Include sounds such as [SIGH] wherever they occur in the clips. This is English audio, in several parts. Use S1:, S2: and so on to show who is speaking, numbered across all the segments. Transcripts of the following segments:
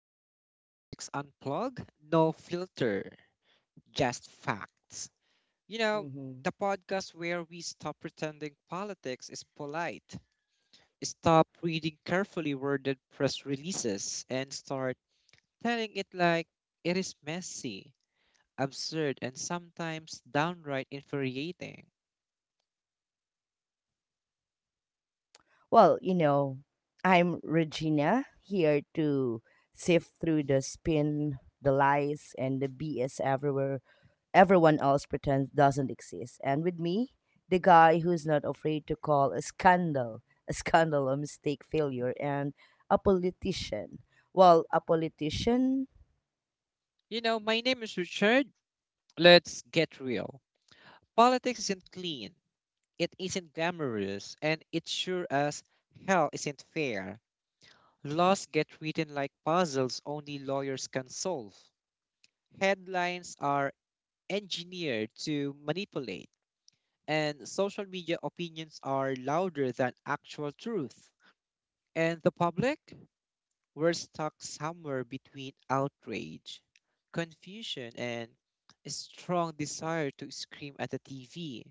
S1: to Politics Unplugged. No filter, just facts. You know,
S2: Mhm.
S1: the podcast where we stop pretending politics is polite, stop reading carefully worded press releases, and start telling it like it is messy, absurd, and sometimes downright infuriating.
S2: Well, you know, I'm Regina, here to sift through the spin, the lies, and the BS everywhere everyone else pretends doesn't exist. And with me, the guy who's not afraid to call a scandal a scandal, a mistake, failure, and a politician. Well, a politician
S1: My name is Richard. Let's get real. Politics isn't clean. It isn't glamorous, and it sure as hell isn't fair. Laws get written like puzzles only lawyers can solve. Headlines are engineered to manipulate, and social media opinions are louder than actual truth. And the public? We're stuck somewhere between outrage, confusion, and a strong desire to scream at the TV.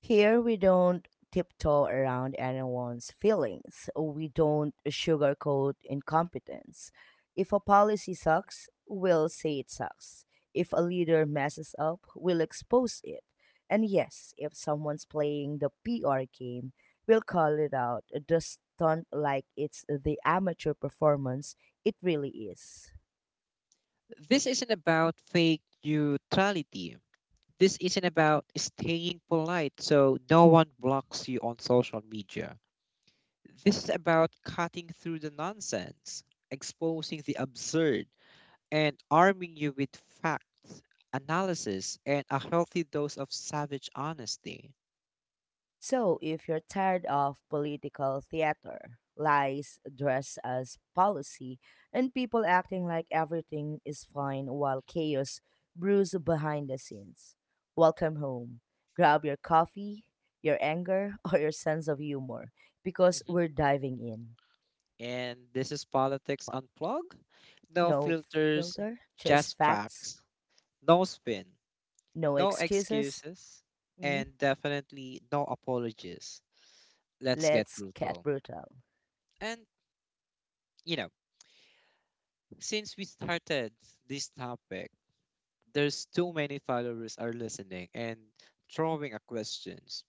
S2: Here, we don't tiptoe around anyone's feelings. We don't sugarcoat incompetence. If a policy sucks, we'll say it sucks. If a leader messes up, we'll expose it. And yes, if someone's playing the PR game, we'll call it out, just stunt like it's the amateur performance it really is.
S1: This isn't about fake neutrality. This isn't about staying polite so no one blocks you on social media. This is about cutting through the nonsense, exposing the absurd, and arming you with facts, analysis, and a healthy dose of savage honesty.
S2: So, if you're tired of political theater, lies dressed as policy, and people acting like everything is fine while chaos brews behind the scenes, welcome home. Grab your coffee, your anger, [LAUGHS] or your sense of humor, because
S1: Mhm.
S2: we're diving in.
S1: And this is Politics Unplugged. No
S2: No
S1: filters,
S2: filter, just
S1: just
S2: facts,
S1: facts. No spin,
S2: no
S1: no
S2: excuses.
S1: excuses,
S2: Mhm.
S1: and definitely no apologies. Let's get
S2: Let's get
S1: brutal.
S2: brutal.
S1: And you know, since we started this topic, there's too many followers are listening and throwing at questions.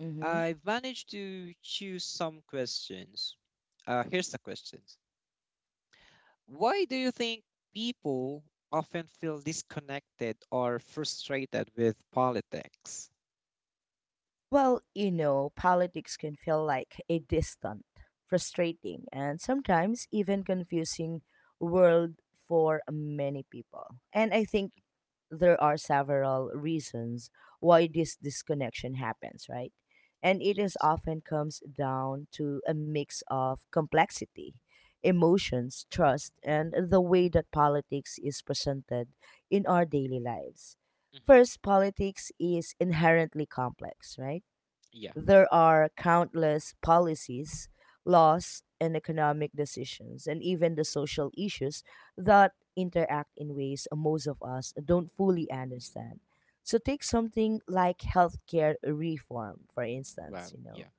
S2: Mm-hmm.
S1: I've managed to choose some questions. Here's the questions. Why do you think people often feel disconnected or frustrated with politics?
S2: Politics can feel like a distant, frustrating, and sometimes even confusing world for many people. And I think
S1: Mhm.
S2: there are several reasons why this disconnection happens, right? And it is
S1: Yes.
S2: often comes down to a mix of complexity, emotions, trust, and the way that politics is presented in our daily lives.
S1: Hmm.
S2: First, politics is inherently complex, right?
S1: Yeah.
S2: There are countless policies, laws, and economic decisions, and even the social issues that interact in ways most of us don't fully understand. So, take something like healthcare reform, for
S1: Wow.
S2: instance,
S1: Yeah.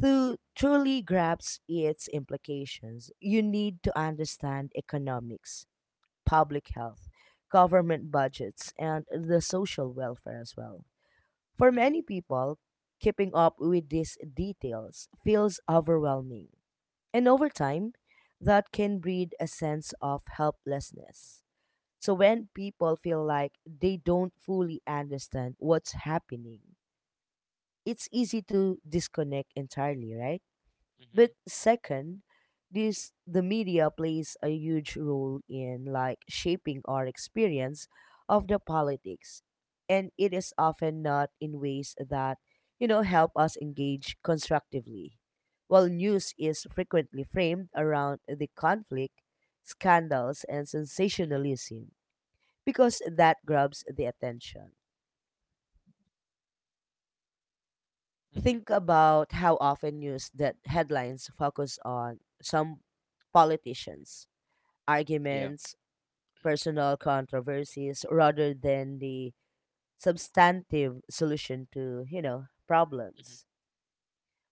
S2: To truly grasp its implications, you need to understand economics, public health, government budgets, and the social welfare as well. For
S1: Hmm.
S2: many people, keeping up with these details feels overwhelming, and over time, that can breed a sense of helplessness. So, when people feel like they don't fully understand what's happening, it's easy to disconnect entirely, right?
S1: Hmm.
S2: But second, this the media plays a huge role in like shaping our experience of the politics, and it is often not in ways that help us engage constructively, while news is frequently framed around the conflict, scandals, and
S1: Hmm.
S2: sensationalism, because that grabs the attention.
S1: Hmm.
S2: Think about how often news that headlines focus on some politicians,
S1: Yeah.
S2: arguments,
S1: [CLEARS THROAT]
S2: personal controversies rather than the substantive solution to, problems.
S1: Hmm.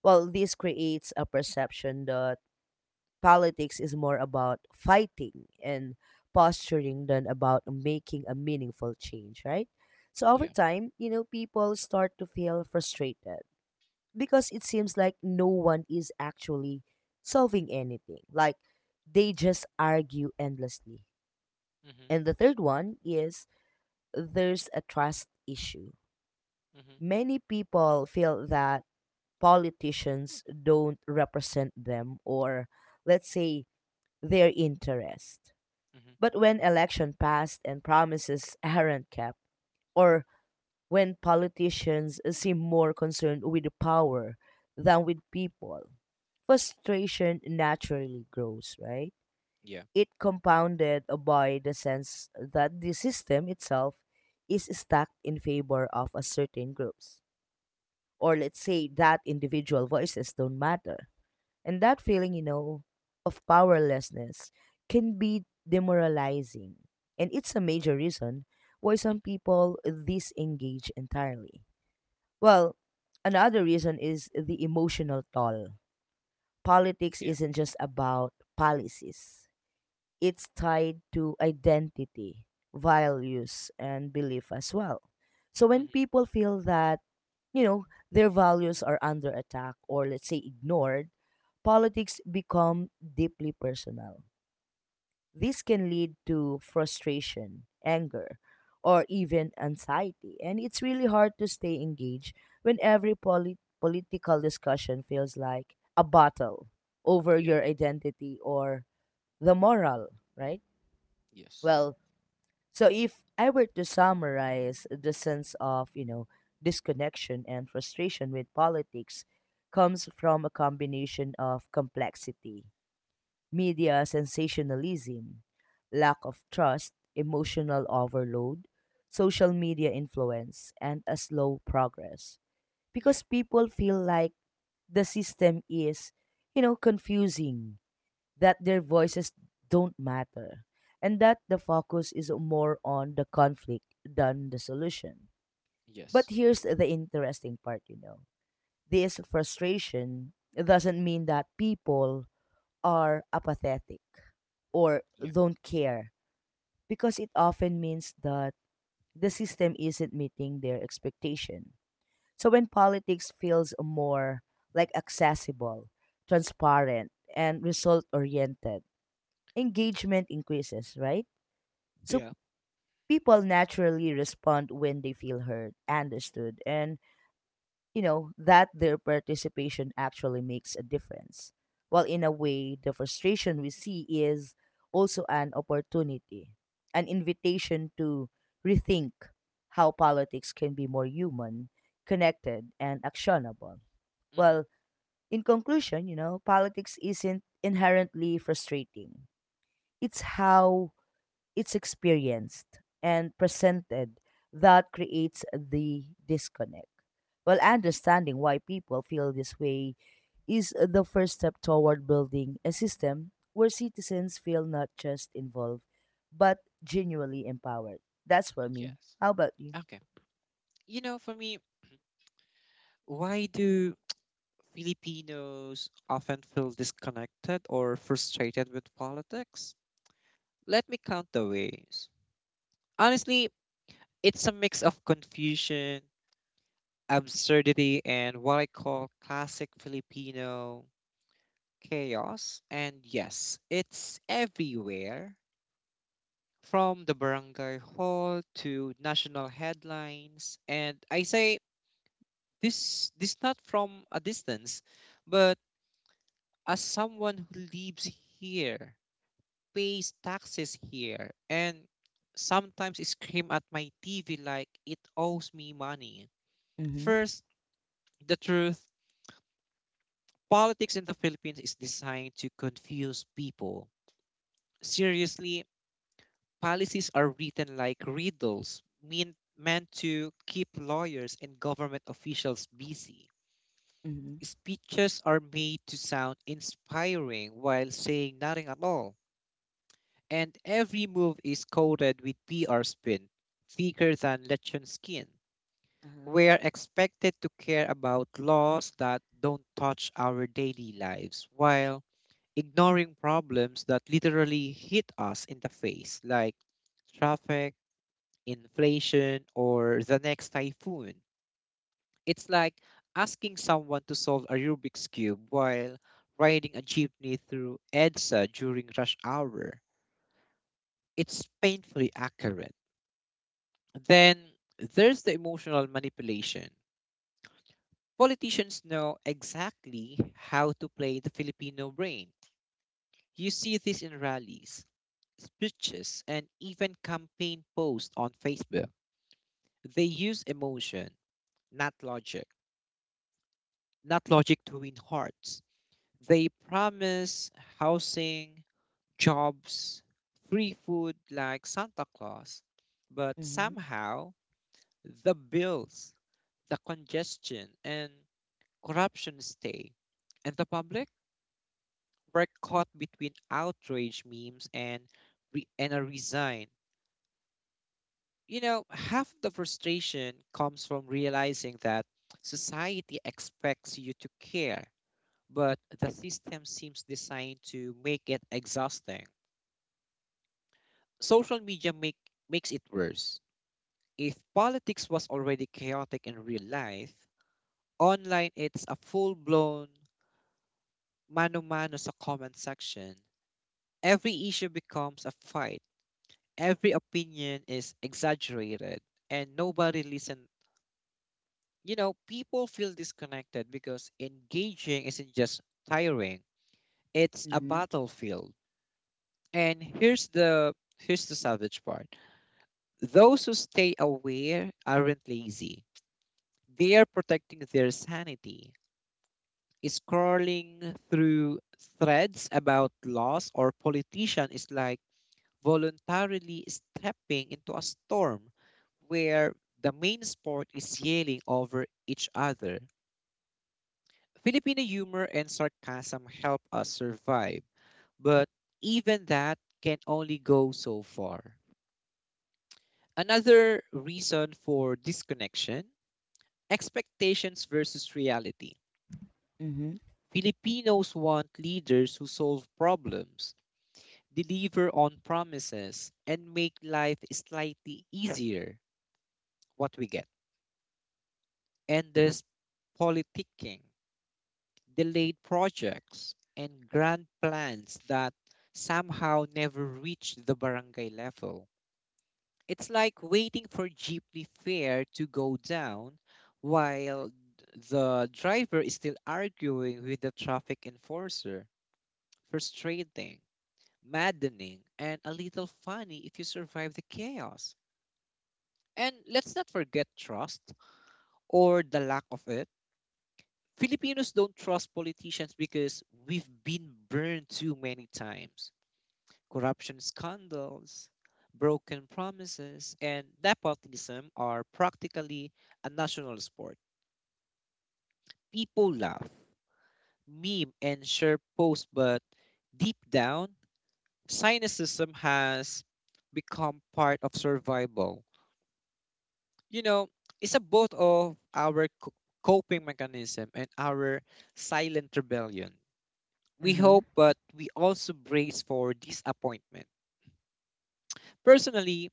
S2: Well, this creates a perception that politics is more about fighting and posturing than about making a meaningful change, right? So over
S1: Yeah.
S2: time, people start to feel frustrated because it seems like no one is actually solving anything. Like they just argue endlessly.
S1: Hmm.
S2: And the third one is there's a trust issue.
S1: Hmm.
S2: Many people feel that politicians don't represent them, or let's say their interest.
S1: Hmm.
S2: But when election passed and promises [LAUGHS] aren't kept, or when politicians seem more concerned with power than with people, frustration naturally grows, right?
S1: Yeah.
S2: It compounded by the sense that the system itself is stacked in favor of a certain groups. Or let's say that individual voices don't matter. And that feeling, of powerlessness, can be demoralizing. And it's a major reason why some
S1: Hmm.
S2: people disengage entirely. Well, another reason is the emotional toll. Politics
S1: Yeah.
S2: isn't just about policies. It's tied to identity, values, and belief as well. So when people feel that, you know, their values are under attack or let's say ignored, politics become deeply personal. This can lead to frustration, anger, or even anxiety, and it's really hard to stay engaged when every political discussion feels like a battle over
S1: Yeah.
S2: your identity or the moral, right?
S1: Yes.
S2: Well, so if I were to summarize, the sense of, disconnection and frustration with politics comes from a combination of complexity, media sensationalism, lack of trust, emotional overload, social media influence, and a slow progress.
S1: Yeah.
S2: Because people feel like the system is, confusing, that their voices don't matter, and that the focus is more on the conflict than the solution. But
S1: Yes.
S2: here's the interesting part, This frustration doesn't mean that people are apathetic or
S1: Yeah.
S2: don't care, because it often means that the system isn't meeting their expectation. So when politics feels more like accessible, transparent, and result oriented, engagement increases, right? So
S1: Yeah.
S2: people naturally respond when they feel heard, understood, and that their participation actually makes a difference. While in a way, the frustration we see is also an opportunity, an invitation to rethink how politics can be more human, connected, and actionable.
S1: Hmm.
S2: Well, in conclusion, politics isn't inherently frustrating. It's how it's experienced and presented that creates the disconnect. Well, understanding why people feel this way is the first step toward building a system where citizens feel not just involved, but genuinely empowered. That's for me.
S1: Yes.
S2: How about you?
S1: Okay. For me, why do Filipinos often feel disconnected or frustrated with politics? Let me count the ways. Honestly, it's a mix of confusion, absurdity, and what I call classic Filipino chaos. And yes, it's everywhere, from the barangay hall to national headlines. And I say this, not from a distance, but as someone who lives here, pays taxes here, and sometimes scream at my TV like it owes me money.
S2: Mm-hmm.
S1: First, the truth: politics in the Philippines is designed to confuse people. Seriously. Policies are written like riddles, meant to keep lawyers and government officials busy.
S2: Mm-hmm.
S1: Speeches are made to sound inspiring while saying nothing at all. And every move is coated with PR spin, thicker than legend skin.
S2: Uh-huh.
S1: We are expected to care about laws that don't touch our daily lives while ignoring problems that literally hit us in the face, like traffic, inflation, or the next typhoon. It's like asking someone to solve a Rubik's Cube while riding a jeepney through EDSA during rush hour. It's painfully accurate. Then there's the emotional manipulation. Politicians know exactly how to play the Filipino brain. You see this in rallies, speeches, and even campaign posts on Facebook. They use emotion, not logic. not logic to win hearts. They promise housing, jobs, free food like Santa Claus, but
S2: Mm-hmm.
S1: somehow the bills, the congestion, and corruption stay. And the public were caught between outrage memes and a resign. Half the frustration comes from realizing that society expects you to care, but the system seems designed to make it exhausting. Social media makes it worse. If politics was already chaotic in real life, online it's a full-blown mano-mano sa comment section. Every issue becomes a fight. Every opinion is exaggerated and nobody listen. People feel disconnected because engaging isn't just tiring. It's a
S2: Mm-hmm.
S1: battlefield. And here's the savage part. Those who stay aware aren't lazy. They are protecting their sanity. Scrolling through threads about laws or politician is like voluntarily stepping into a storm where the main sport is yelling over each other. Filipino humor and sarcasm help us survive, but even that can only go so far. Another reason for disconnection: expectations versus reality.
S2: Mm-hmm.
S1: Filipinos want leaders who solve problems, deliver on promises, and make life slightly easier. What we get? Endless politicking, delayed projects, and grand plans that somehow never reach the barangay level. It's like waiting for jeepney fare to go down while the driver is still arguing with the traffic enforcer. Frustrating, maddening, and a little funny if you survive the chaos. And let's not forget trust, or the lack of it. Filipinos don't trust politicians because we've been burned too many times. Corruption scandals, broken promises, and nepotism are practically a national sport. People laugh, meme, and share posts, but deep down, cynicism has become part of survival. You know, it's a both of our coping mechanism and our silent rebellion. We
S2: Uh-huh.
S1: hope, but we also brace for disappointment. Personally,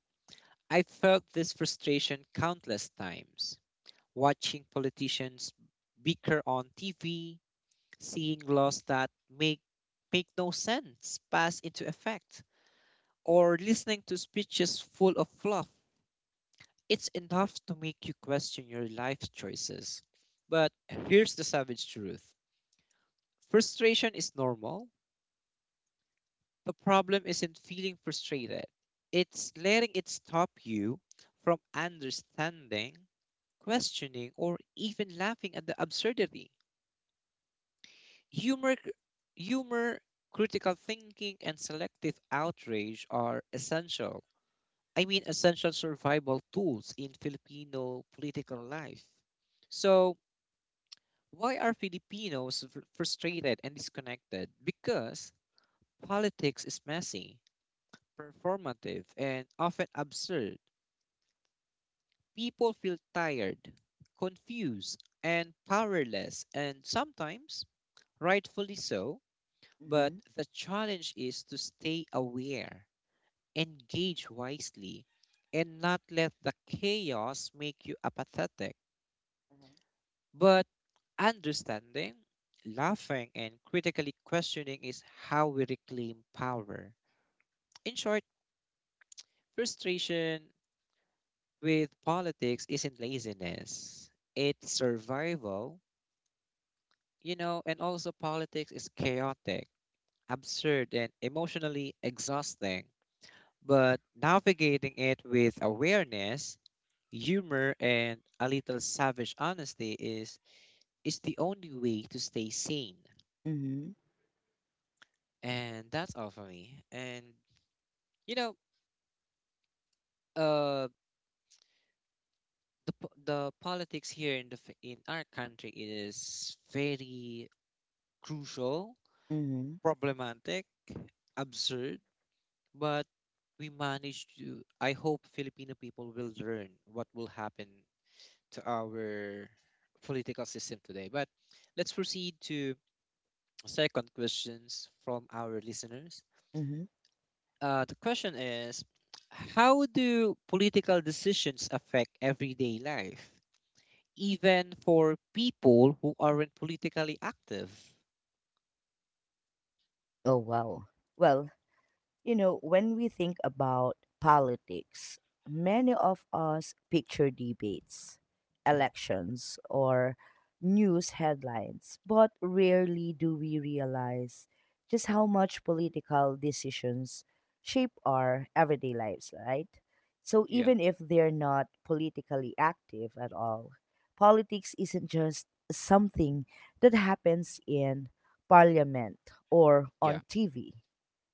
S1: I felt this frustration countless times, watching politicians bicker on TV, seeing laws that make make no sense pass into effect, or listening to speeches full of fluff. It's enough to make you question your life choices. But here's the savage truth: frustration is normal. The problem isn't feeling frustrated, it's letting it stop you from understanding, questioning, or even laughing at the absurdity. Humor, humor, critical thinking, and selective outrage are essential. I mean, essential survival tools in Filipino political life. So, why are Filipinos frustrated and disconnected? Because politics is messy, performative, and often absurd. People feel tired, confused, and powerless, and sometimes rightfully so. But
S2: Mm-hmm.
S1: the challenge is to stay aware, engage wisely, and not let the chaos make you apathetic.
S2: Uh-huh.
S1: But understanding, laughing, and critically questioning is how we reclaim power. In short, frustration with politics isn't laziness, it's survival, and also politics is chaotic, absurd, and emotionally exhausting. But navigating it with awareness, humor, and a little savage honesty is the only way to stay sane.
S2: Mm-hmm.
S1: And that's all for me. And you know, uh, the po- the politics here in our country is very crucial,
S2: Mm-hmm.
S1: problematic, absurd, but we managed to. I hope Filipino people will learn what will happen to our political system today. But let's proceed to second questions from our listeners.
S2: Mhm.
S1: The question is, how do political decisions affect everyday life, even for people who aren't politically active?
S2: Oh, wow. Well, when we think about politics, many of us picture debates,
S1: Hmm.
S2: elections, or news headlines, but rarely do we realize just how much political decisions shape our everyday lives, right? So
S1: Yeah,
S2: even if they're not politically active at all, politics isn't just something that happens in parliament or
S1: yeah.
S2: on TV.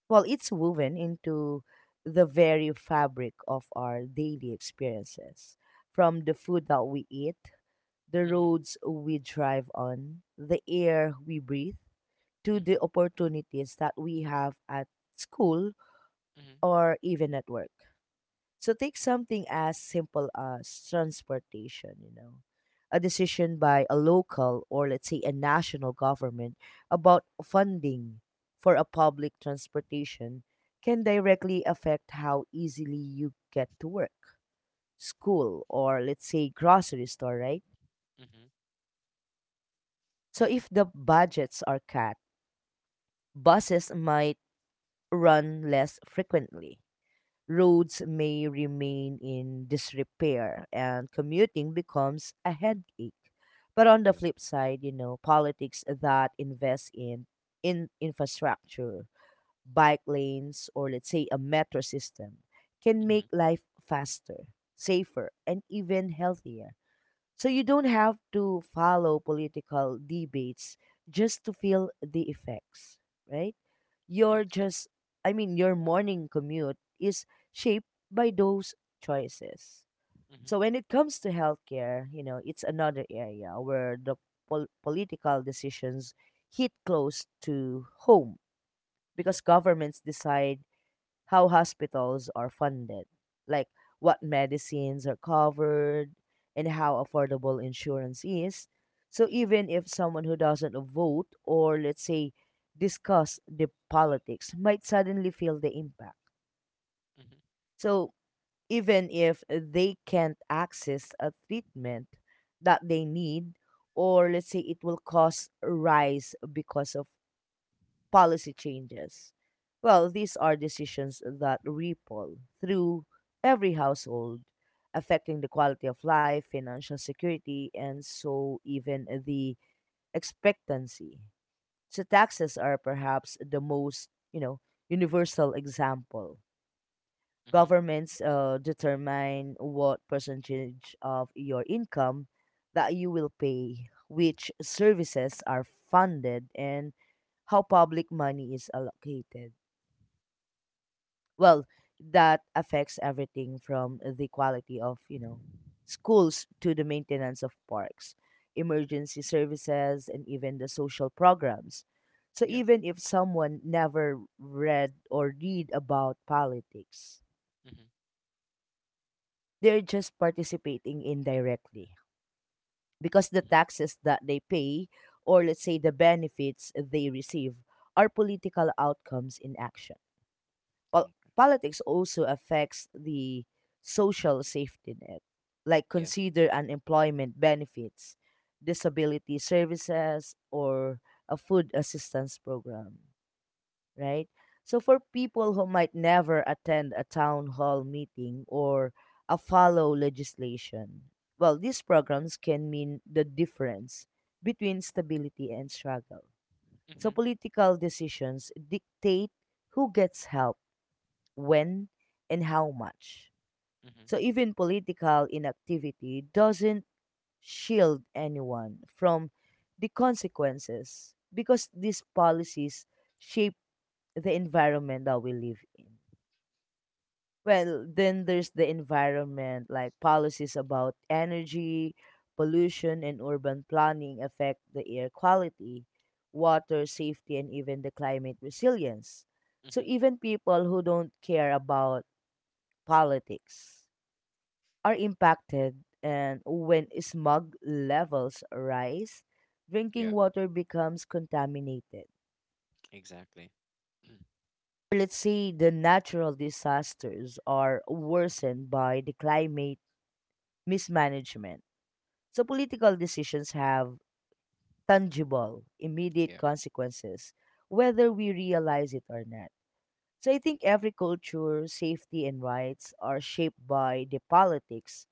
S2: Well, it's woven into the very fabric of our daily experiences. From the food that we eat, the
S1: Mm-hmm.
S2: roads we drive on, the air we breathe, to the
S1: Mm-hmm.
S2: opportunities that we have at school
S1: Mm-hmm.
S2: or even at work. So take something as simple as transportation, a decision by a local or let's say a national government about funding for a public transportation can directly affect how easily you get to work, school, or let's say grocery store, right?
S1: Mm-hmm.
S2: So if the budgets are cut, buses might run less frequently, roads may remain in disrepair, and commuting becomes a headache. But on the
S1: Yeah.
S2: flip side, politics that invest in infrastructure, bike lanes, or let's say a metro system can
S1: Mm-hmm.
S2: make life faster, safer, and even healthier. So you don't have to follow political debates just to feel the effects, right? Your
S1: Yes.
S2: just I mean your morning commute is shaped by those choices.
S1: Mm-hmm.
S2: So when it comes to healthcare, it's another area where the political decisions hit close to home,
S1: Mm-hmm.
S2: because governments decide how hospitals are funded, like what medicines are covered, and how affordable insurance is. So
S1: Mm-hmm.
S2: even if someone who doesn't vote or let's say discuss the politics might suddenly feel the impact.
S1: Mm-hmm.
S2: So even if they can't access a treatment that they need, or let's say it will cause a rise because of policy changes. Well, these are decisions that ripple through every household, affecting the quality of life, financial security, and so even the expectancy. So taxes are perhaps the most, universal example.
S1: Mm-hmm.
S2: Governments determine what percentage of your income that you will pay, which services are funded, and how public money is allocated. Well, that affects everything from the quality of, schools to the maintenance of parks, emergency services, and even the social programs. So
S1: Yeah.
S2: even if someone never read about politics,
S1: Mm-hmm.
S2: they're just participating indirectly, because the
S1: Mm-hmm.
S2: taxes that they pay, or let's say the benefits they receive, are political outcomes in action. Pol-
S1: Mm.
S2: Politics also affects the social safety net, like
S1: Yeah.
S2: consider unemployment benefits, disability services, or a food assistance program, right? So for people who might never attend a town hall meeting or a follow legislation, well, these programs can mean the difference between stability and struggle. So
S1: Mm-hmm.
S2: political decisions dictate who gets help, when, and how much.
S1: Mm-hmm.
S2: So even political inactivity doesn't shield anyone from the consequences, because these policies shape the environment that we live in. Well, then there's the environment, like policies about energy, pollution, and urban planning affect the air quality, water safety, and even the climate resilience. So,
S1: Mm-hmm.
S2: even people who don't care about politics are impacted, and when smog levels rise, drinking
S1: Yeah.
S2: water becomes contaminated,
S1: Exactly. [CLEARS THROAT] Mm.
S2: let's say the natural disasters are worsened by the climate mismanagement. So political decisions have tangible, immediate
S1: Yeah.
S2: consequences, whether we realize it or not. So I think every culture, safety, and rights are shaped by the politics,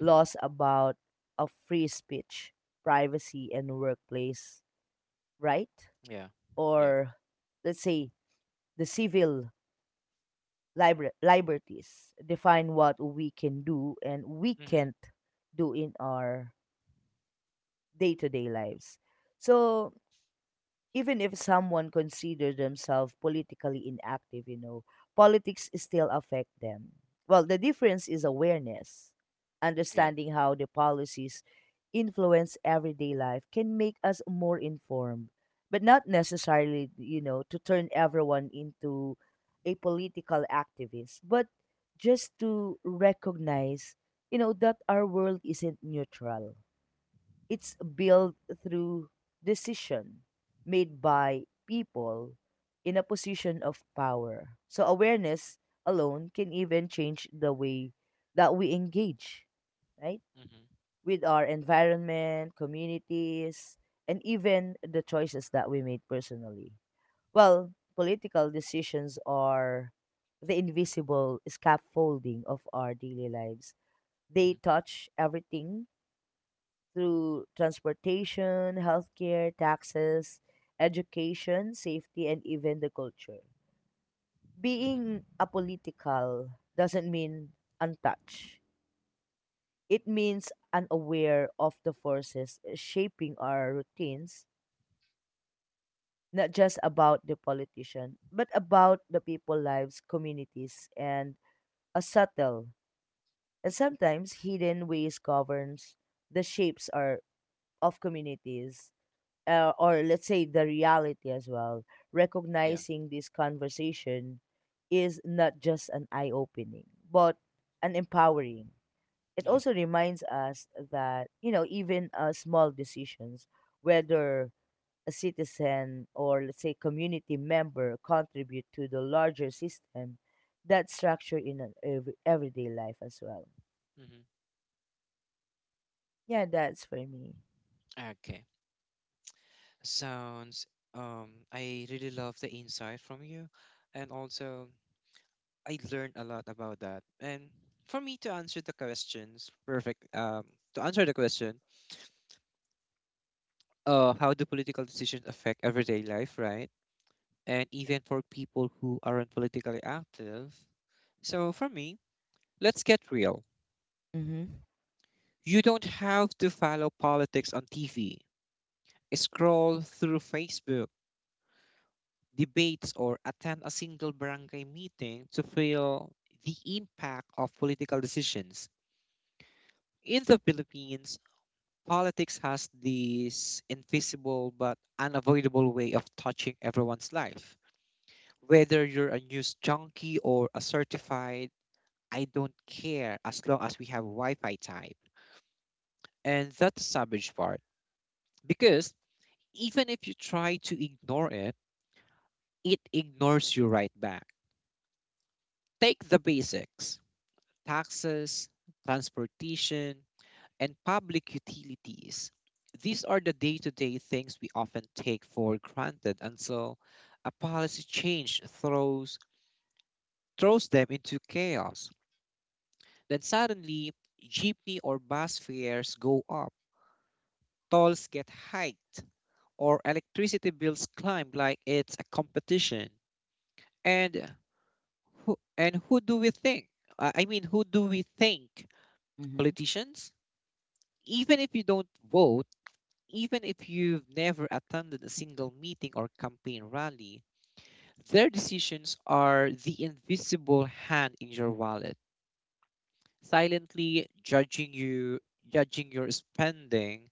S1: Mm-hmm.
S2: about a free speech, privacy, and workplace right,
S1: Yeah. Yeah.
S2: or let's say the civil liberties define what we can do and we
S1: Mm-hmm.
S2: can't do in our day-to-day lives. So even if someone consider themselves politically inactive, politics still affect them. Well, the difference is awareness.
S1: Yeah.
S2: Understanding how the policies influence everyday life can make us more informed, but not necessarily, to turn everyone into a political activist, but just to recognize, that our world isn't neutral, it's built through decision made by people in a position of power. So awareness alone can even change the way that we engage, right?
S1: Mm-hmm.
S2: With our environment, communities, and even the choices that we made personally. Well, political decisions are the invisible scaffolding of our daily lives.
S1: Mm-hmm.
S2: They touch everything through transportation, healthcare, taxes, education, safety, and even the culture.
S1: Mm-hmm.
S2: Being apolitical doesn't mean untouched. It means unaware of the forces shaping our routines, not just about the politician, but about the people lives, communities, and a subtle and sometimes hidden ways governs the shapes are of communities or let's say the reality as well,
S1: Yeah.
S2: recognizing this conversation is not just an eye opening, but an empowering. It also reminds us that, even small decisions, whether a citizen or let's say community member contribute to the larger system, that structure in an everyday life as well.
S1: Yeah.
S2: Yeah, that's for me.
S1: Okay. Sounds I really love the insight from you, and also I learned a lot about that. And for me to answer the questions, perfect. To answer the question, how do political decisions affect everyday life, right? And even for people who aren't politically active. So for me, let's get real.
S2: Mm-hmm.
S1: You don't have to follow politics on TV, scroll through Facebook debates, or attend a single barangay meeting to feel the impact of political decisions. In the Philippines, politics has this invisible but unavoidable way of touching everyone's life, whether you're a news junkie or a certified, I don't care as long as we have Wi Fi type. And that's the savage part, because even if you try to ignore it, it ignores you right back. Take the basics: taxes, transportation, and public utilities. These are the day to day things we often take for granted until a policy change throws them into chaos. Then suddenly, jeepney or bus fares go up, tolls get hiked, or electricity bills climb like it's a competition. And who do we think? I mean, who do we think?
S2: Mm-hmm.
S1: Politicians? Even if you don't vote, even if you've never attended a single meeting or campaign rally, their decisions are the invisible hand in your wallet, silently judging you, judging your spending.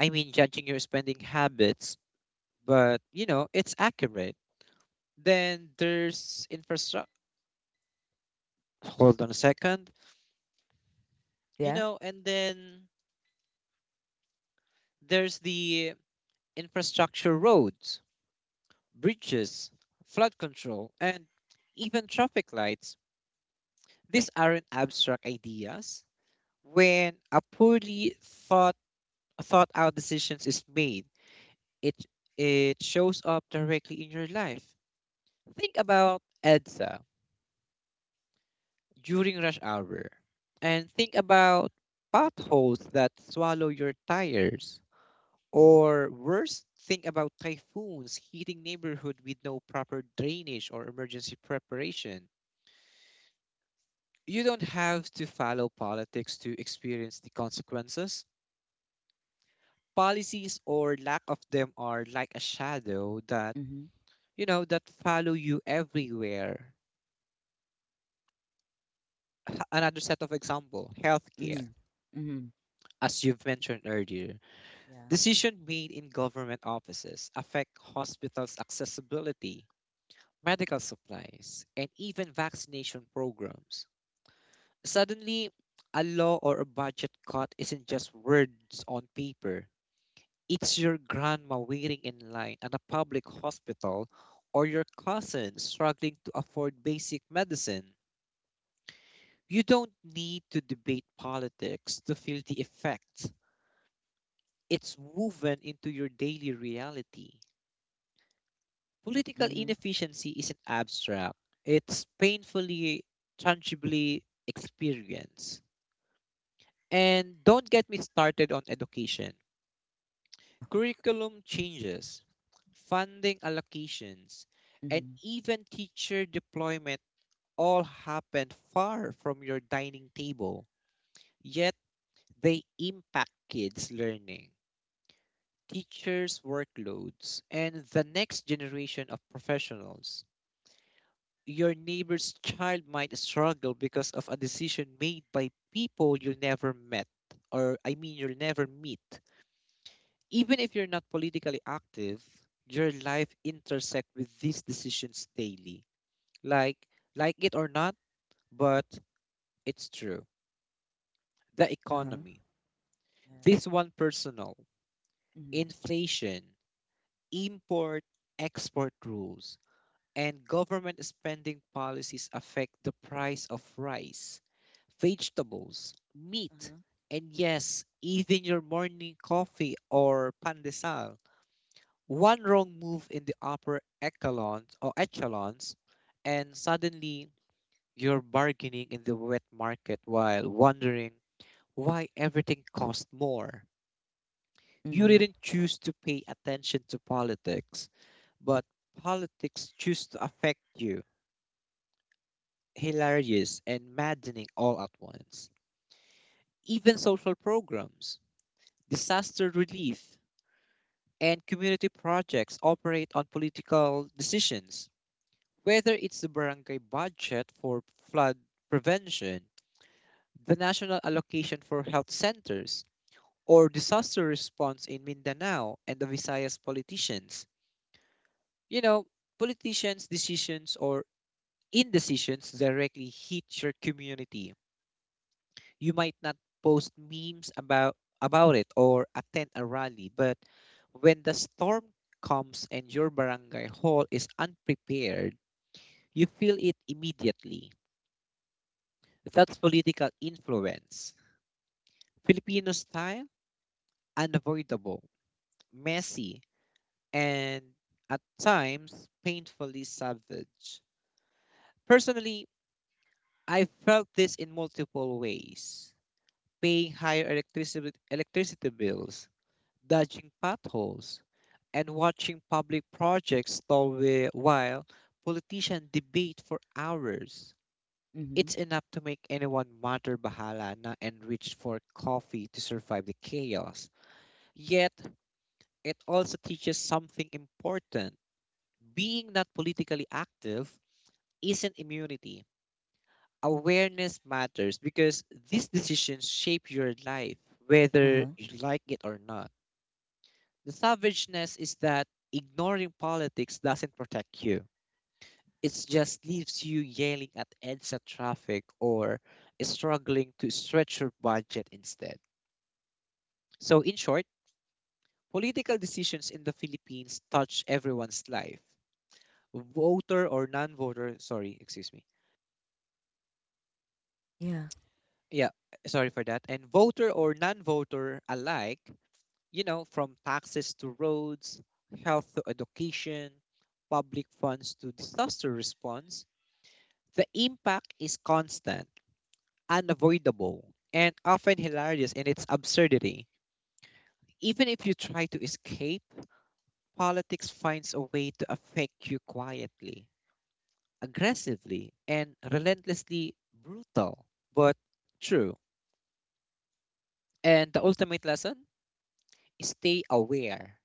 S1: I mean, judging your spending habits, but it's accurate. Then there's infrastructure. Hold on a second. You
S2: Yeah.
S1: know, and then there's the infrastructure: roads, bridges, flood control, and even traffic lights. These aren't abstract ideas. When a poorly thought thought out decisions is made, it it shows up directly in your life. Think about EDSA during rush hour, and think about potholes that swallow your tires. Or worse, think about typhoons hitting neighborhood with no proper drainage or emergency preparation. You don't have to follow politics to experience the consequences. Policies, or lack of them, are like a shadow that,
S2: Mm-hmm.
S1: you know, that follow you everywhere. [LAUGHS] Another set of example: healthcare.
S2: Mm-hmm. Mm-hmm.
S1: As you've mentioned earlier,
S2: Yeah.
S1: decision made in government offices affect hospitals' accessibility, medical supplies, and even vaccination programs. Suddenly, a law or a budget cut isn't just words on paper. It's your grandma waiting in line at a public hospital, or your cousin struggling to afford basic medicine. You don't need to debate politics to feel the effects. It's woven into your daily reality. Political
S2: Mm-hmm.
S1: inefficiency isn't abstract, it's painfully, tangibly experienced. And don't get me started on education. Curriculum changes, funding allocations, and
S2: Mhm.
S1: even teacher deployment all happen far from your dining table, yet they impact kids' learning, teachers' workloads, and the next generation of professionals. Your neighbor's child might struggle because of a decision made by people you'll never met, or I mean, you'll never meet. Even if you're not politically active, your life intersect with these decisions daily. Like like it or not, but it's true. The
S2: Uh-huh.
S1: economy.
S2: Yeah.
S1: This one personal.
S2: Mhm.
S1: Inflation, import, export rules, and government spending policies affect the price of rice, vegetables, meat,
S2: Uh-huh.
S1: and yes, even your morning coffee or pandesal. One wrong move in the upper echelons or echelons, and suddenly you're bargaining in the wet market while wondering why everything costs more. You
S2: Mhm.
S1: didn't choose to pay attention to politics, but politics choose to affect you. Hilarious and maddening all at once. Even social programs, disaster relief, and community projects operate on political decisions whether it's the barangay budget for flood prevention, the national allocation for health centers, or disaster response in Mindanao and the Visayas politicians. You know, politicians' decisions or indecisions directly hit your community. You might not post memes about it or attend a rally, but when the storm comes and your barangay hall is unprepared, you feel it immediately. That's political influence. Filipino style, unavoidable, messy, and at times painfully savage. Personally, I felt this in multiple ways paying higher electricity bills, dodging potholes, and watching public projects stall while politicians debate for hours. It's
S2: Mhm.
S1: enough to make anyone mutter bahala na and reach for coffee to survive the chaos. Yet, it also teaches something important. Being not politically active isn't immunity. Awareness matters because these decisions shape your life, whether
S2: Uh-huh.
S1: you like it or not. The savageness is that ignoring politics doesn't protect you, it just leaves you yelling at EDSA traffic or struggling to stretch your budget instead. So, in short, political decisions in the Philippines touch everyone's life, voter or non-voter, sorry, excuse me,
S2: Yeah.
S1: yeah, sorry for that, and voter or non-voter alike, you know, from taxes to roads, health to education, public funds to disaster response, the impact is constant, unavoidable, and often hilarious in its absurdity. Even if you try to escape, politics finds a way to affect you quietly, aggressively, and relentlessly. Brutal, but true. And the ultimate lesson, stay aware,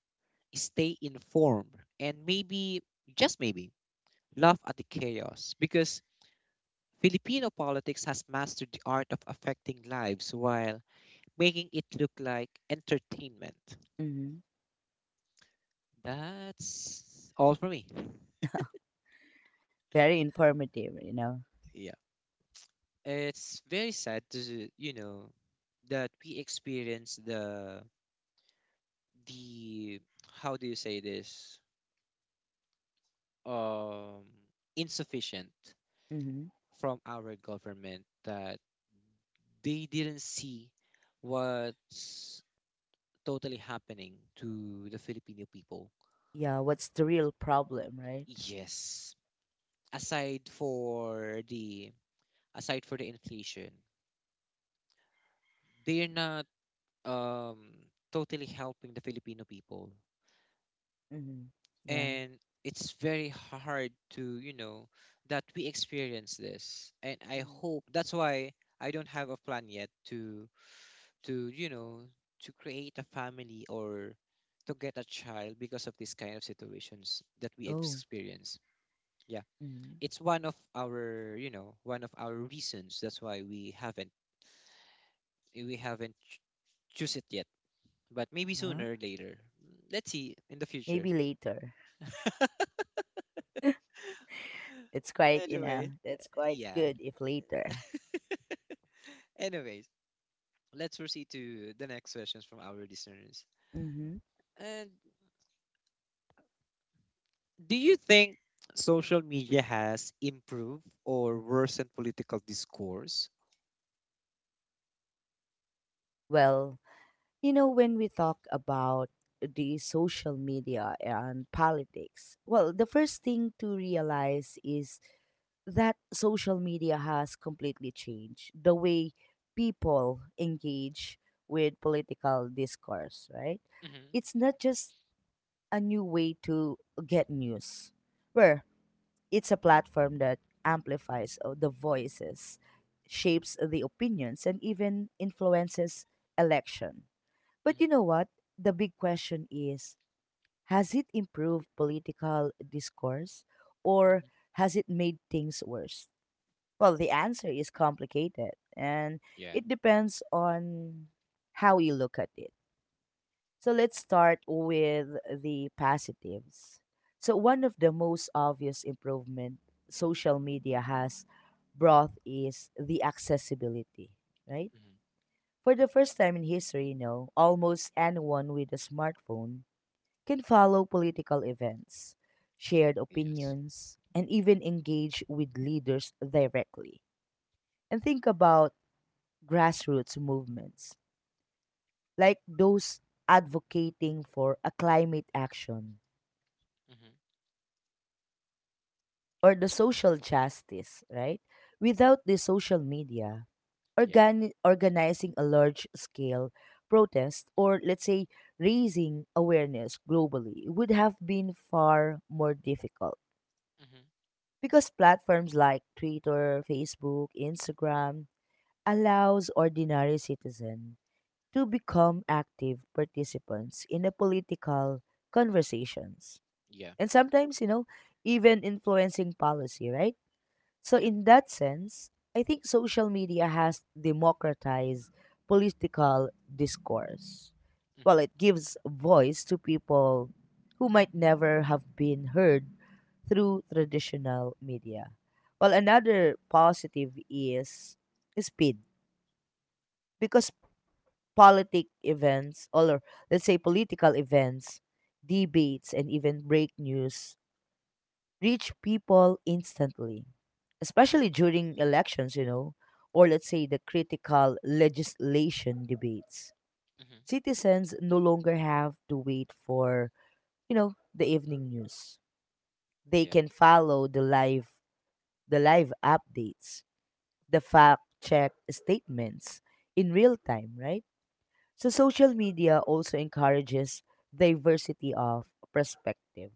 S1: stay informed, and maybe, just maybe, laugh at the chaos because Filipino politics has mastered the art of affecting lives while making it look like entertainment.
S2: Mhm.
S1: That's all for me.
S2: Very informative.
S1: Yeah. It's very sad to, you know, that we experience the how do you say this? Um, Insufficient
S2: Mhm.
S1: from our government that they didn't see what's totally happening to the Filipino people.
S2: Yeah, what's the real problem, right?
S1: Yes. Aside for the Aside for the inflation, they're not um totally helping the Filipino people.
S2: Mhm. Yeah.
S1: And it's very hard to, you know, that we experience this. And I
S2: Mhm.
S1: hope that's why I don't have a plan yet to you know to create a family or to get a child because of this kind of situations that we
S2: Oh.
S1: experience. Yeah,
S2: Mhm.
S1: it's one of our, you know, one of our reasons that's why we haven't we haven't ch- choose it yet, but maybe
S2: Uh-huh.
S1: sooner or later, let's see in the future.
S2: Maybe later. It's quite,
S1: Anyway,
S2: that's
S1: [LAUGHS]
S2: quite
S1: yeah,
S2: good if later.
S1: anyways, let's proceed to the next questions from our listeners.
S2: Mhm.
S1: And do you think social media has improved or worsened political discourse?
S2: Well, when we talk about the social media and politics, well, the first thing to realize is that social media has completely changed the way people engage with political discourse, right?
S1: Mm-hmm.
S2: It's not just a new way to get news, where it's a platform that amplifies the voices, shapes the opinions, and even influences election. But
S1: Mm-hmm.
S2: you know what? The big question is, has it improved political discourse, or
S1: Mm-hmm.
S2: has it made things worse? Well, the answer is complicated, and
S1: Yeah.
S2: it depends on how you look at it. So let's start with the positives. So one of the most obvious improvement social media has brought is the accessibility, right?
S1: Mm-hmm.
S2: For the first time in history, almost anyone with a smartphone can follow political events, shared
S1: Yes.
S2: opinions, and even engage with leaders directly. And think about grassroots movements, like those advocating for a climate action
S1: Mm-hmm.
S2: or the social justice, right? Without the social media,
S1: Yeah.
S2: organizing a large scale protest or let's say raising awareness globally would have been far more difficult,
S1: Mm-hmm.
S2: because platforms like Twitter, Facebook, Instagram allows ordinary citizens to become active participants in the political conversations,
S1: Yeah.
S2: and sometimes even influencing policy, right? So
S1: Yeah.
S2: in that sense, I think social media has democratized political discourse. Well,
S1: Mm-hmm.
S2: it gives voice to people who might never have been heard through traditional media. Well, another positive is speed, because politic events or let's say political events, debates, and even break news reach people instantly,
S1: Mm-hmm.
S2: especially during elections, or let's say the critical legislation debates.
S1: Mm-hmm.
S2: Citizens no longer have to wait for, the evening news. They
S1: Yeah.
S2: can follow the live updates, the fact check statements in real time, right? So social media also encourages diversity of perspective.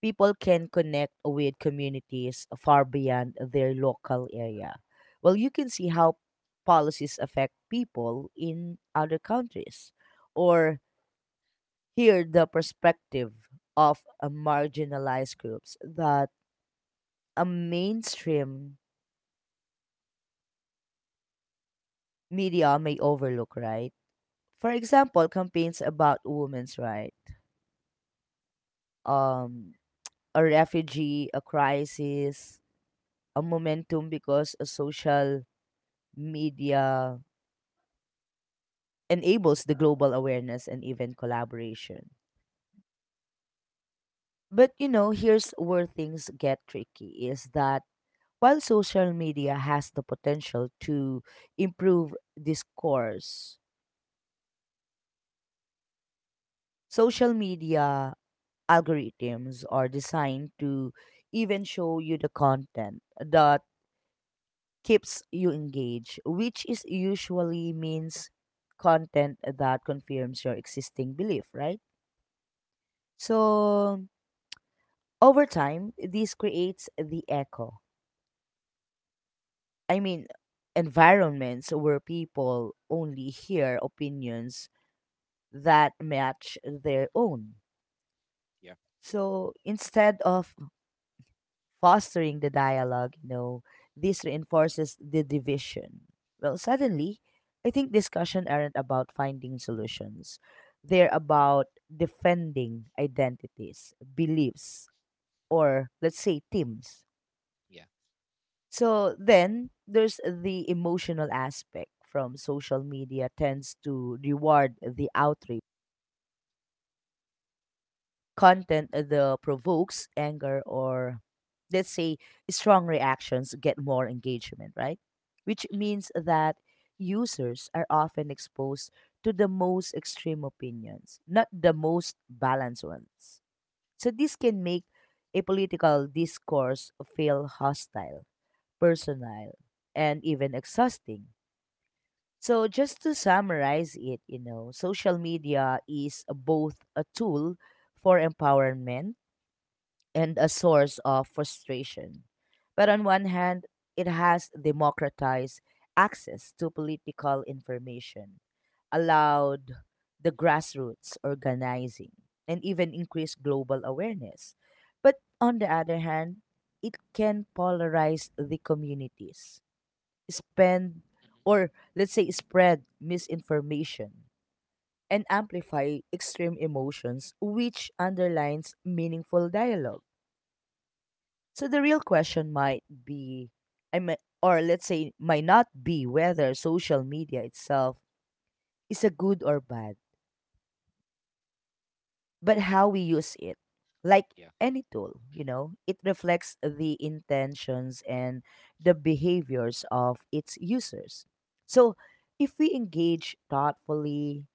S2: People can connect with communities far beyond their local area. Well, you can see how policies affect people in other countries or hear the perspective of marginalized groups that a mainstream media may overlook, right? For example, campaigns about women's rights, um a refugee, a crisis, a momentum because a social media enables the global awareness and even collaboration. But here's where things get tricky, is that while social media has the potential to improve discourse, social media algorithms are designed to even show you the content that keeps you engaged, which is usually means content that confirms your existing belief, right? So over time, this creates the echo. I mean, environments where people only hear opinions that match their own.
S1: Yeah.
S2: So instead of fostering the dialogue, this reinforces the division. Well, suddenly, I think discussion aren't about finding solutions. They're about defending identities, beliefs, or let's say teams.
S1: Yeah.
S2: So then there's the emotional aspect from social media tends to reward the outrage
S1: Mm-hmm.
S2: content that provokes anger or let's say strong reactions get more engagement, right? Which
S1: Mm-hmm.
S2: means that users are often exposed to the most extreme opinions, not the most balanced ones. So this can make a political discourse feel hostile, personal, and even exhausting. So just to summarize it, social media is both a tool for empowerment and a source of frustration. But on one hand, it has democratized access to political information, allowed the grassroots organizing, and even increased global awareness. But on the other hand, it can polarize the communities, spend
S1: Mm-hmm.
S2: or let's say spread misinformation, and amplify extreme emotions, which underlines meaningful
S1: Mm-hmm.
S2: dialogue. So the real question might be, I mean, or let's say, might not be whether social media itself is a good or bad, but how we use it. Like
S1: Yeah.
S2: any tool, it reflects the intentions and the behaviors of its users. So if we engage thoughtfully,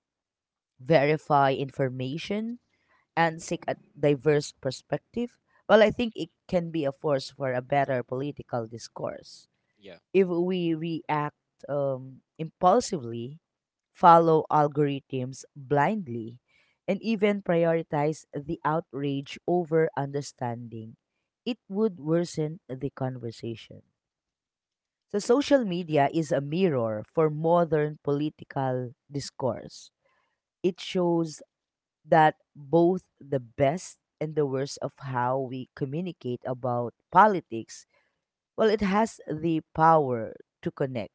S2: verify information, and seek a diverse perspective, well, I think it can be a force for a better political discourse.
S1: Yeah.
S2: If we react impulsively, follow algorithms blindly, and even prioritize the outrage over understanding, it would worsen the conversation. So, social
S1: Mhm.
S2: media is a mirror for modern political discourse. It shows that both the best and the worst of how we communicate about politics. Well, it has the power to connect,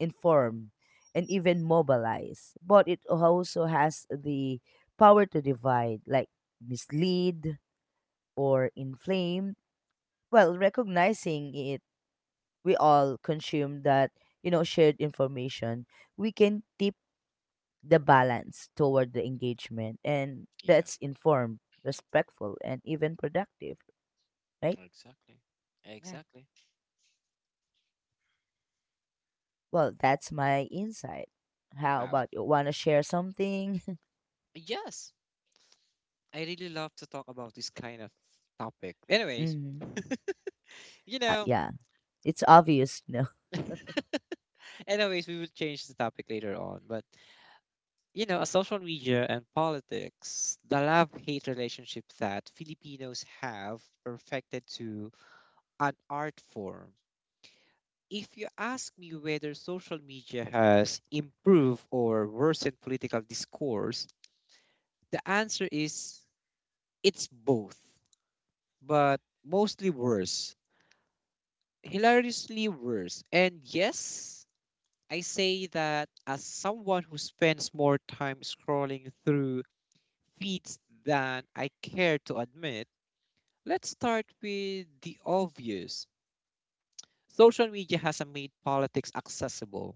S2: inform, and even mobilize. But it also has the power to divide, like mislead or inflame. Well, recognizing it, we all consume that, shared information. We can tip the balance toward the engagement, and
S1: Yeah.
S2: that's informed, respectful, and even productive, right?
S1: Exactly.
S2: Yeah.
S1: Exactly.
S2: Well, that's my insight. How
S1: Wow.
S2: about you? Want to share something?
S1: Yes. I really love to talk about this kind of topic.
S2: [LAUGHS]
S1: Anyways,
S2: Hmm.
S1: you
S2: uh,
S1: know,
S2: yeah, it's obvious. No.
S1: anyways, we will change the topic later on. But, you know, a social media and politics, the love hate relationship that Filipinos have perfected to an art form. If you ask me whether social media has improved or worsened political discourse, the answer is it's both, but mostly worse, hilariously worse. And yes, I say that as someone who spends more time scrolling through feeds than I care to admit. Let's start with the obvious. Social media has made politics accessible.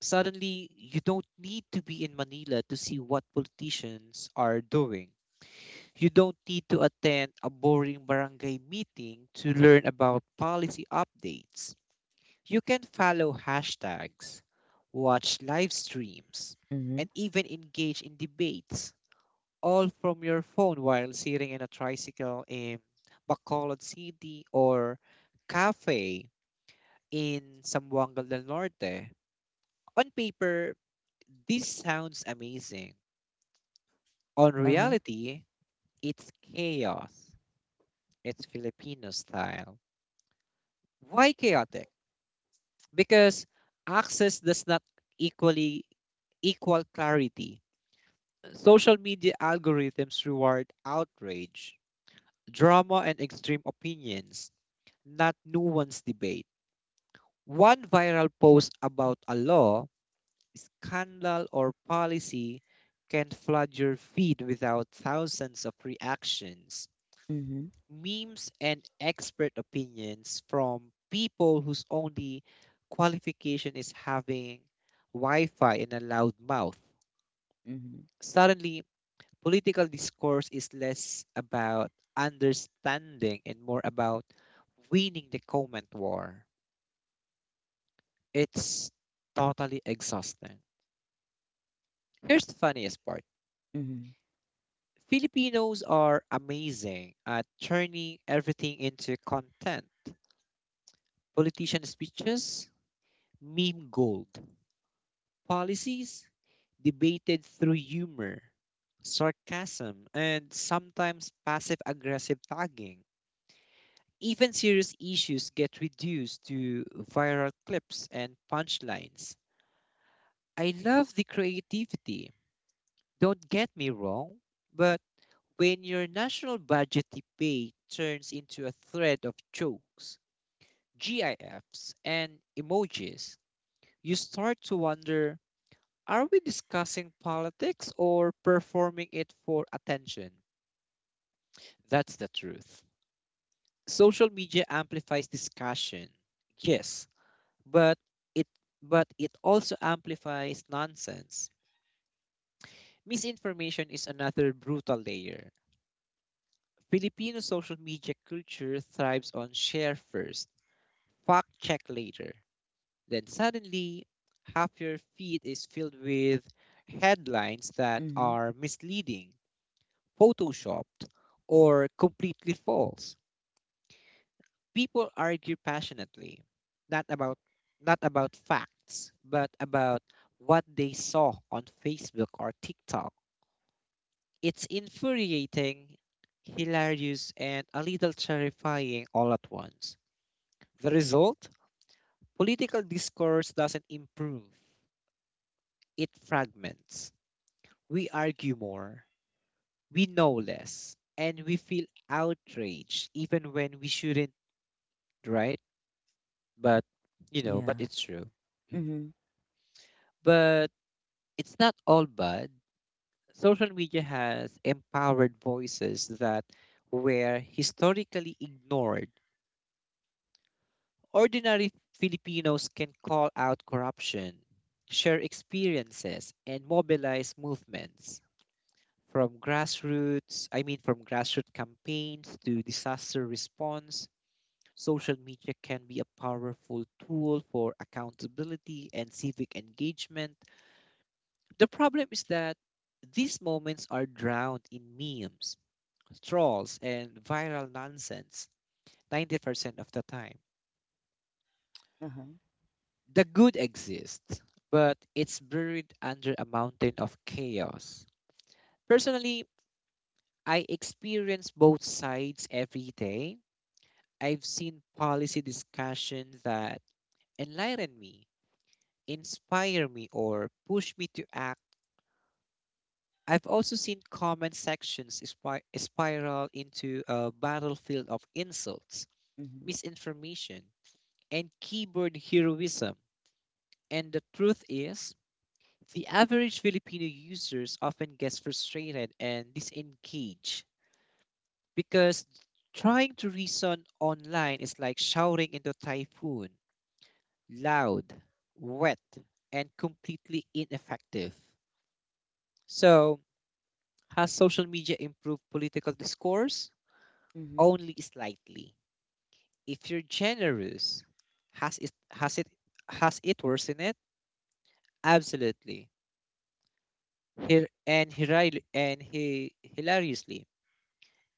S1: Suddenly, you don't need to be in Manila to see what politicians are doing. You don't need to attend a boring barangay meeting to learn about policy updates. You can follow hashtags, watch live streams, and
S2: Mhm.
S1: even engage in debates, all from your phone while sitting in a tricycle in Bacolod City or cafe in Sambuanga del Norte. On paper, this sounds amazing. On
S2: Uh-huh.
S1: reality, it's chaos. It's Filipino style. Why chaotic? Because access does not equally equal clarity. Social media algorithms reward outrage, drama, and extreme opinions, not nuanced debate. One viral post about a law, scandal, or policy can flood your feed without thousands of reactions.
S2: Mhm.
S1: Memes and expert opinions from people whose only qualification is having Wi Fi and a loud mouth.
S2: Mhm.
S1: Suddenly, political discourse is less about understanding and more about winning the comment war. It's totally exhausting. Here's the funniest part.
S2: Mhm.
S1: Filipinos are amazing at turning everything into content. Politician speeches, meme gold. Policies debated through humor, sarcasm, and sometimes passive aggressive tagging. Even serious issues get reduced to viral clips and punchlines. I love the creativity. Don't get me wrong, but when your national budget debate turns into a thread of jokes, GIFs, and emojis, you start to wonder. Are we discussing politics or performing it for attention? That's the truth. Social media amplifies discussion. Yes, but it it also amplifies nonsense. Misinformation is another brutal layer. Filipino social media culture thrives on share first, fact check later. Then suddenly, half your feed is filled with headlines that
S2: Mhm.
S1: are misleading, photoshopped, or completely false. People argue passionately, not about not about facts, but about what they saw on Facebook or TikTok. It's infuriating, hilarious, and a little terrifying all at once. The result? Political discourse doesn't improve. It fragments. We argue more, we know less, and we feel outraged even when we shouldn't, right? But you know, but
S2: Yeah.
S1: it's true.
S2: Mhm.
S1: But it's not all bad. Social media has empowered voices that were historically ignored. Ordinary Filipinos can call out corruption, share experiences, and mobilize movements. From grassroots campaigns to disaster response, social media can be a powerful tool for accountability and civic engagement. The problem is that these moments are drowned in memes, trolls, and viral nonsense 90% of the time.
S2: Uh-huh.
S1: The good exists, but it's buried under a mountain of chaos. Personally, I experience both sides every day. I've seen policy discussions that enlighten me, inspire me, or push me to act. I've also seen comment sections spiral into a battlefield of insults,
S2: Mhm.
S1: misinformation, and keyboard heroism. And the truth is, the average Filipino users often gets frustrated and disengaged because trying to reason online is like shouting into a typhoon, loud, wet, and completely ineffective. So, has social media improved political discourse?
S2: Mhm.
S1: Only slightly. If you're generous, has it has it has it worsened it? Absolutely. Here and hiri- and he hilariously,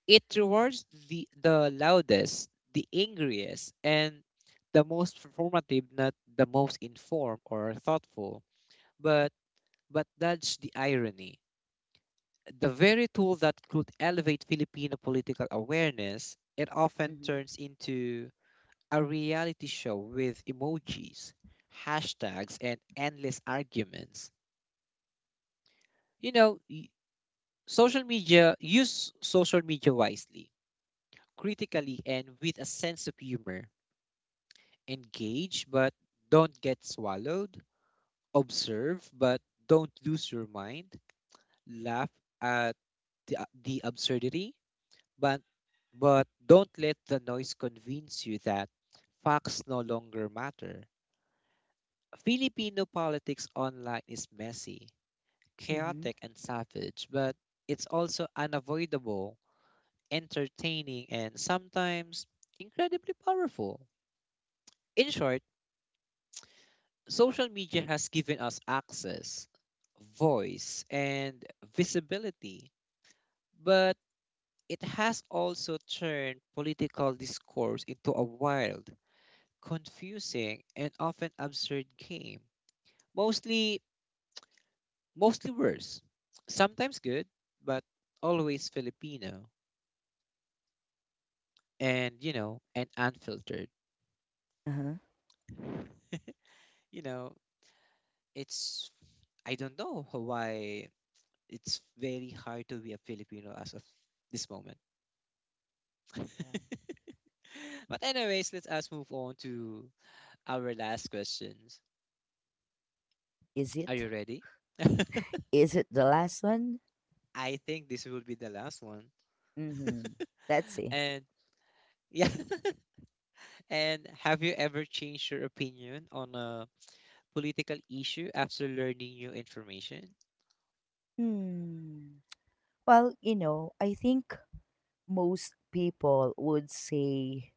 S1: it rewards the loudest, the angriest, and the most performative, not the most informed or thoughtful. But that's the irony. The very tool that could elevate Filipino political awareness, it often
S2: Mhm.
S1: turns into a reality show with emojis, hashtags, and endless arguments. You know, y- Social media, use social media wisely, critically, and with a sense of humor. Engage, but don't get swallowed. Observe, but don't lose your mind. Laugh at the, the absurdity, but, don't let the noise convince you that facts no longer matter. Filipino politics online is messy,
S2: Mhm.
S1: chaotic and savage, but it's also unavoidable, entertaining, and sometimes incredibly powerful. In short, social media has given us access, voice, and visibility, but it has also turned political discourse into a wild, confusing, and often absurd game. Mostly, Mostly worse. Sometimes good, but always Filipino. And you know, and unfiltered,
S2: Uh-huh.
S1: you know, it's, I don't know why it's very hard to be a Filipino as of this moment.
S2: Yeah.
S1: [LAUGHS] But anyways, let us move on to our last questions.
S2: Is
S1: Are
S2: it?
S1: you ready?
S2: Is it the last one?
S1: [LAUGHS] I think this will be the last one.
S2: Mhm. Let's
S1: [LAUGHS]
S2: see.
S1: And yeah, [LAUGHS] and have you ever changed your opinion on a political issue after learning new information?
S2: Hmm. Well, I think most people would say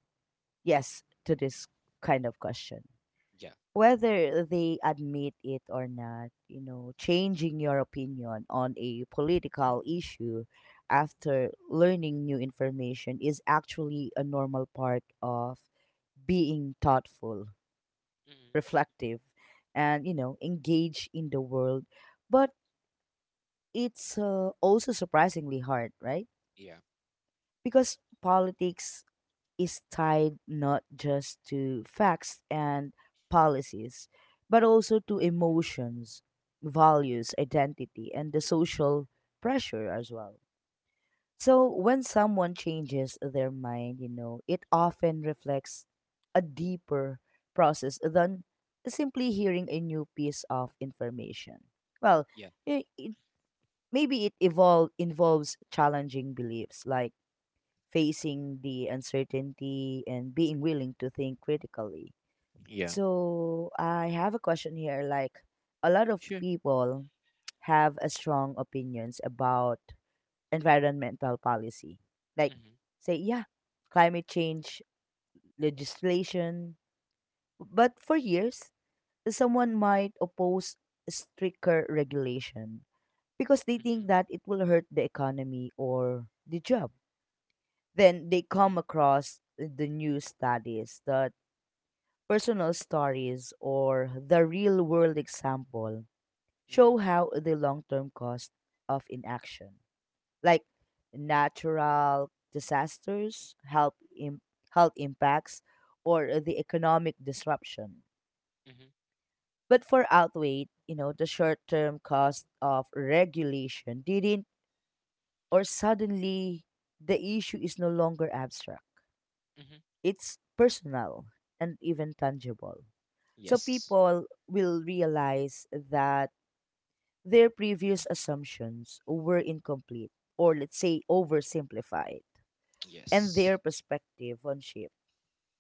S2: yes to this kind of question.
S1: Yeah.
S2: Whether they admit it or not, changing your opinion on a political issue after learning new information is actually a normal part of being thoughtful,
S1: Mhm.
S2: reflective, and engaged in the world. But it's also surprisingly hard, right?
S1: Yeah,
S2: Because politics is tied not just to facts and policies, but also to emotions, values, identity, and the social pressure as well. So when someone changes their mind, it often reflects a deeper process than simply hearing a new piece of information. Well,
S1: yeah, yeah.
S2: it, maybe it involves challenging beliefs, like facing the uncertainty and being willing to think critically.
S1: Yeah.
S2: So, I have a question here, like a lot of
S1: Sure.
S2: people have a strong opinions about environmental policy. Like
S1: Mhm.
S2: say yeah, climate change legislation, but for years someone might oppose stricter regulation because they think
S1: Mhm,
S2: that it will hurt the economy or the job. Then they
S1: mhm,
S2: come across the new studies, that personal stories or the real world example
S1: mhm,
S2: show how the long term cost of inaction, like natural disasters, health, Im- health impacts, or the economic disruption.
S1: mhm,
S2: But for outweighed, the short term cost of regulation didn't, or suddenly the issue is no longer abstract.
S1: mhm.
S2: It's personal and even tangible. So
S1: Yes.
S2: people will realize that their previous assumptions were incomplete or let's say oversimplified, and
S1: Yes.
S2: their perspective on shift.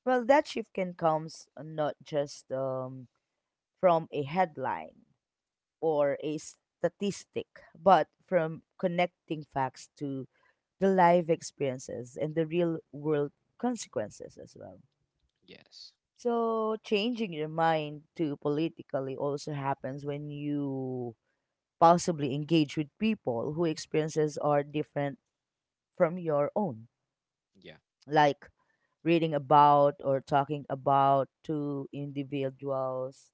S2: Well, that shift can come not just from a headline or a statistic, but from connecting facts to the life experiences and the real world consequences as well.
S1: Yes.
S2: So changing your mind to politically also happens when you possibly engage with people whose experiences are different from your own.
S1: Yeah.
S2: Like reading about or talking about to individuals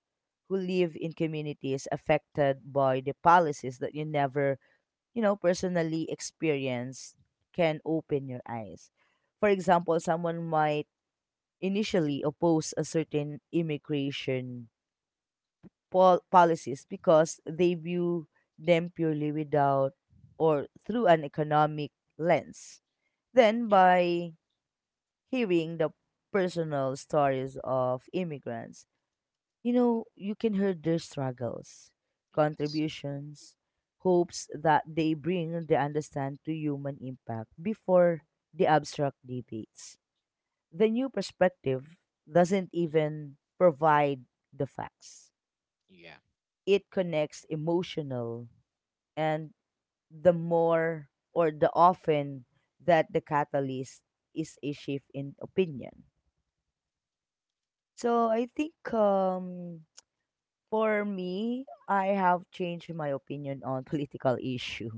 S2: who live in communities affected by the policies that you never, personally experience, can open your eyes. For example, someone might initially oppose a certain immigration policies because they view them purely without or through an economic lens. Then,
S1: Yeah.
S2: by hearing the personal stories of immigrants, you can hear their struggles,
S1: Yes.
S2: contributions, hopes that they bring the understand to human impact before the abstract debates. The new perspective doesn't even provide the facts.
S1: Yeah.
S2: It connects emotional, and the more or the often that the catalyst is a shift in opinion. So I think, for me, I have changed my opinion on [LAUGHS] political issue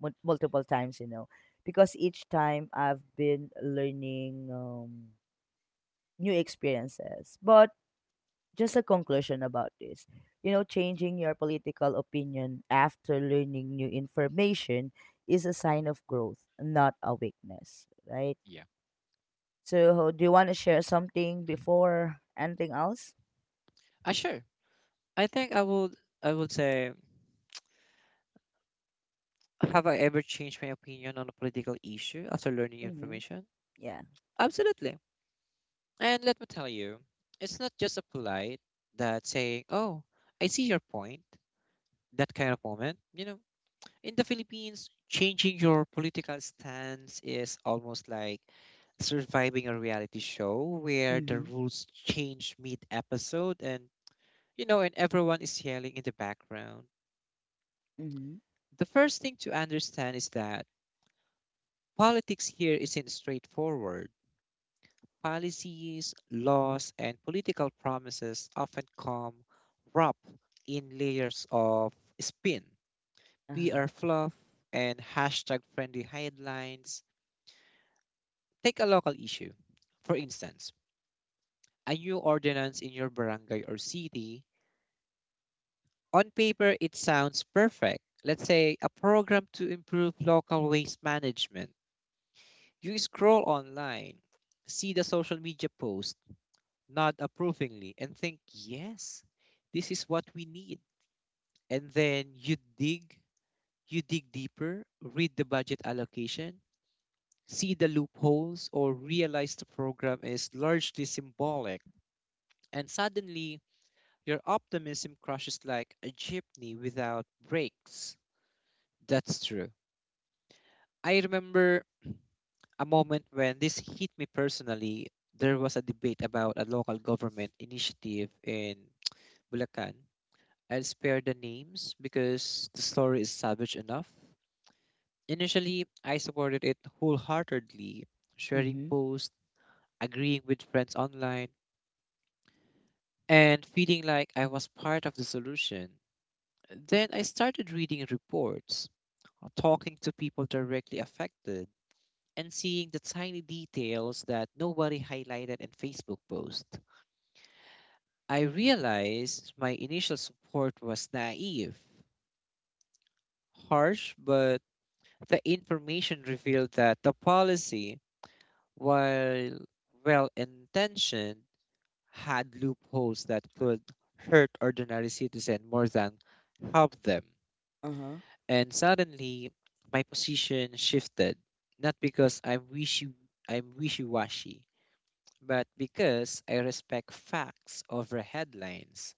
S2: multiple times, because each time I've been learning new experiences. But just a conclusion about this. Changing your political opinion after learning new information is a sign of growth, not a weakness, right?
S1: Yeah.
S2: So, do you want to share something before anything else?
S1: Sure. I think I would say, have I ever changed my opinion on a political issue after learning
S2: Mm-hmm.
S1: information?
S2: Yeah.
S1: Absolutely. And let me tell you, it's not just a polite that saying, "Oh, I see your point." That kind of moment, you know, in the Philippines, changing your political stance is almost like surviving a reality show where the
S2: Mm-hmm.
S1: rules change mid episode, and you know, and everyone is yelling in the background.
S2: Mm-hmm.
S1: The first thing to understand is that politics here isn't straightforward. Policies, laws, and political promises often come wrapped in layers of spin,
S2: Uh-huh.
S1: PR fluff, and hashtag friendly headlines. Take a local issue. For instance, a new ordinance in your barangay or city. On paper, it sounds perfect. Let's say a program to improve local waste management. You scroll online, see the social media post, nod approvingly, and think, yes, this is what we need. And then you dig deeper, read the budget allocation, see the loopholes, or realize the program is largely symbolic. And suddenly, your optimism crushes like a jeepney without brakes. That's true. I remember a moment when this hit me personally. There was a debate about a local government initiative in Bulacan. I'll spare the names because the story is savage enough. Initially, I supported it wholeheartedly, sharing
S2: Mm-hmm.
S1: posts, agreeing with friends online, and feeling like I was part of the solution. Then I started reading reports, talking to people directly affected, and seeing the tiny details that nobody highlighted in Facebook posts. I realized my initial support was naive, harsh, but the information revealed that the policy, while well intentioned, had loopholes that could hurt ordinary citizens more than help them.
S2: Uh-huh.
S1: And suddenly, my position shifted, not because I'm wishy-washy, but because I respect facts over headlines.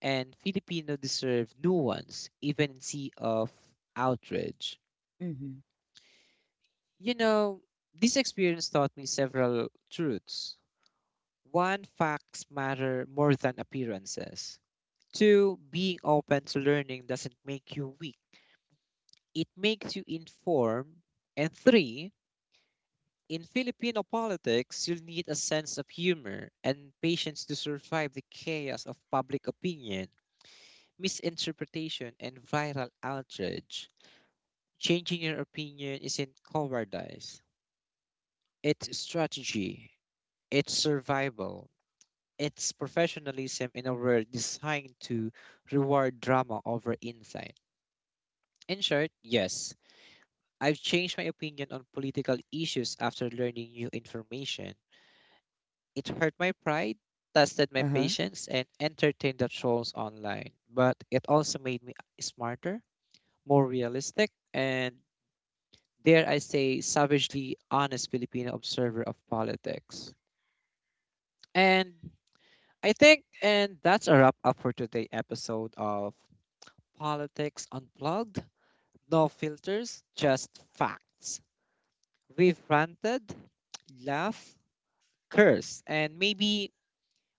S1: And Filipino deserve nuance, even in sea of outrage.
S2: Mm-hmm.
S1: You know, this experience taught me several truths. One, facts matter more than appearances. Two, being open to learning doesn't make you weak. It makes you informed. And three, in Filipino politics, you'll need a sense of humor and patience to survive the chaos of public opinion, misinterpretation, and viral outrage. Changing your opinion isn't cowardice, it's strategy, it's survival, it's professionalism in a world designed to reward drama over insight. In short, yes, I've changed my opinion on political issues after learning new information. It hurt my pride, tested my
S2: Uh-huh.
S1: patience, and entertained the trolls online. But it also made me smarter, more realistic, and dare I say, savagely honest Filipino observer of politics. And I think, and that's a wrap up for today's episode of Politics Unplugged. No filters, just facts. We've ranted, laughed, cursed, and maybe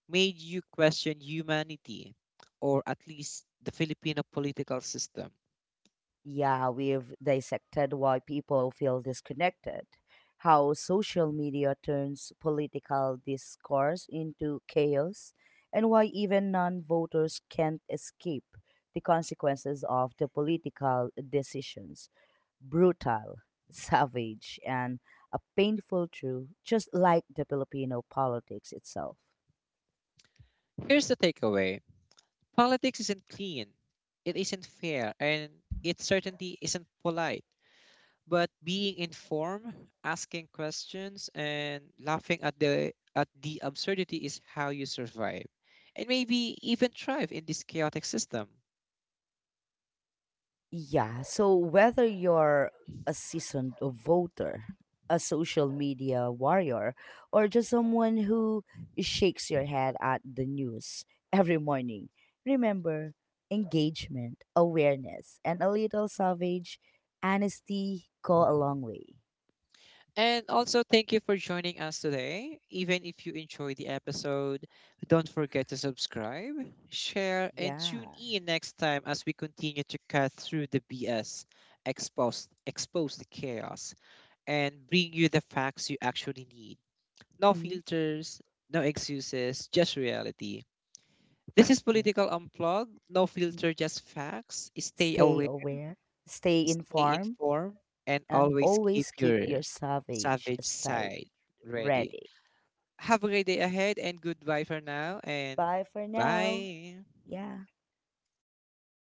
S1: made you question humanity, or at least the Filipino political system.
S2: Yeah, we've dissected why people feel disconnected, how social media turns political discourse into chaos, and why even non voters can't escape the consequences of the political decisions. Brutal, [LAUGHS] savage, and a painful truth, just like the Filipino politics itself.
S1: Here's the takeaway, politics isn't clean, it isn't fair, and it certainly isn't polite. But being informed, asking questions, and laughing at the absurdity is how you survive and maybe even thrive in this chaotic system.
S2: Yeah. So whether you're a seasoned voter, a social media warrior, or just someone who shakes your head at the news [LAUGHS] every morning, remember, engagement, awareness, and a little savage honesty go a long way.
S1: And also, thank you for joining us today. Even if you enjoy the episode, don't forget to subscribe, share, and tune
S2: Yeah.
S1: in next time as we continue to cut through the BS, expose the chaos, and bring you the facts you actually need. No
S2: Hmm.
S1: filters, no excuses, just reality. This is
S2: Yeah.
S1: Political Unplugged. No
S2: Mm.
S1: filter, just facts. Stay
S2: Stay
S1: aware,
S2: aware, stay
S1: stay
S2: informed,
S1: informed, and
S2: and
S1: always keep
S2: always keep
S1: your
S2: your savage
S1: savage
S2: side
S1: side ready.
S2: ready.
S1: Have a great day ahead and goodbye for now and
S2: Bye for now.
S1: bye.
S2: Yeah.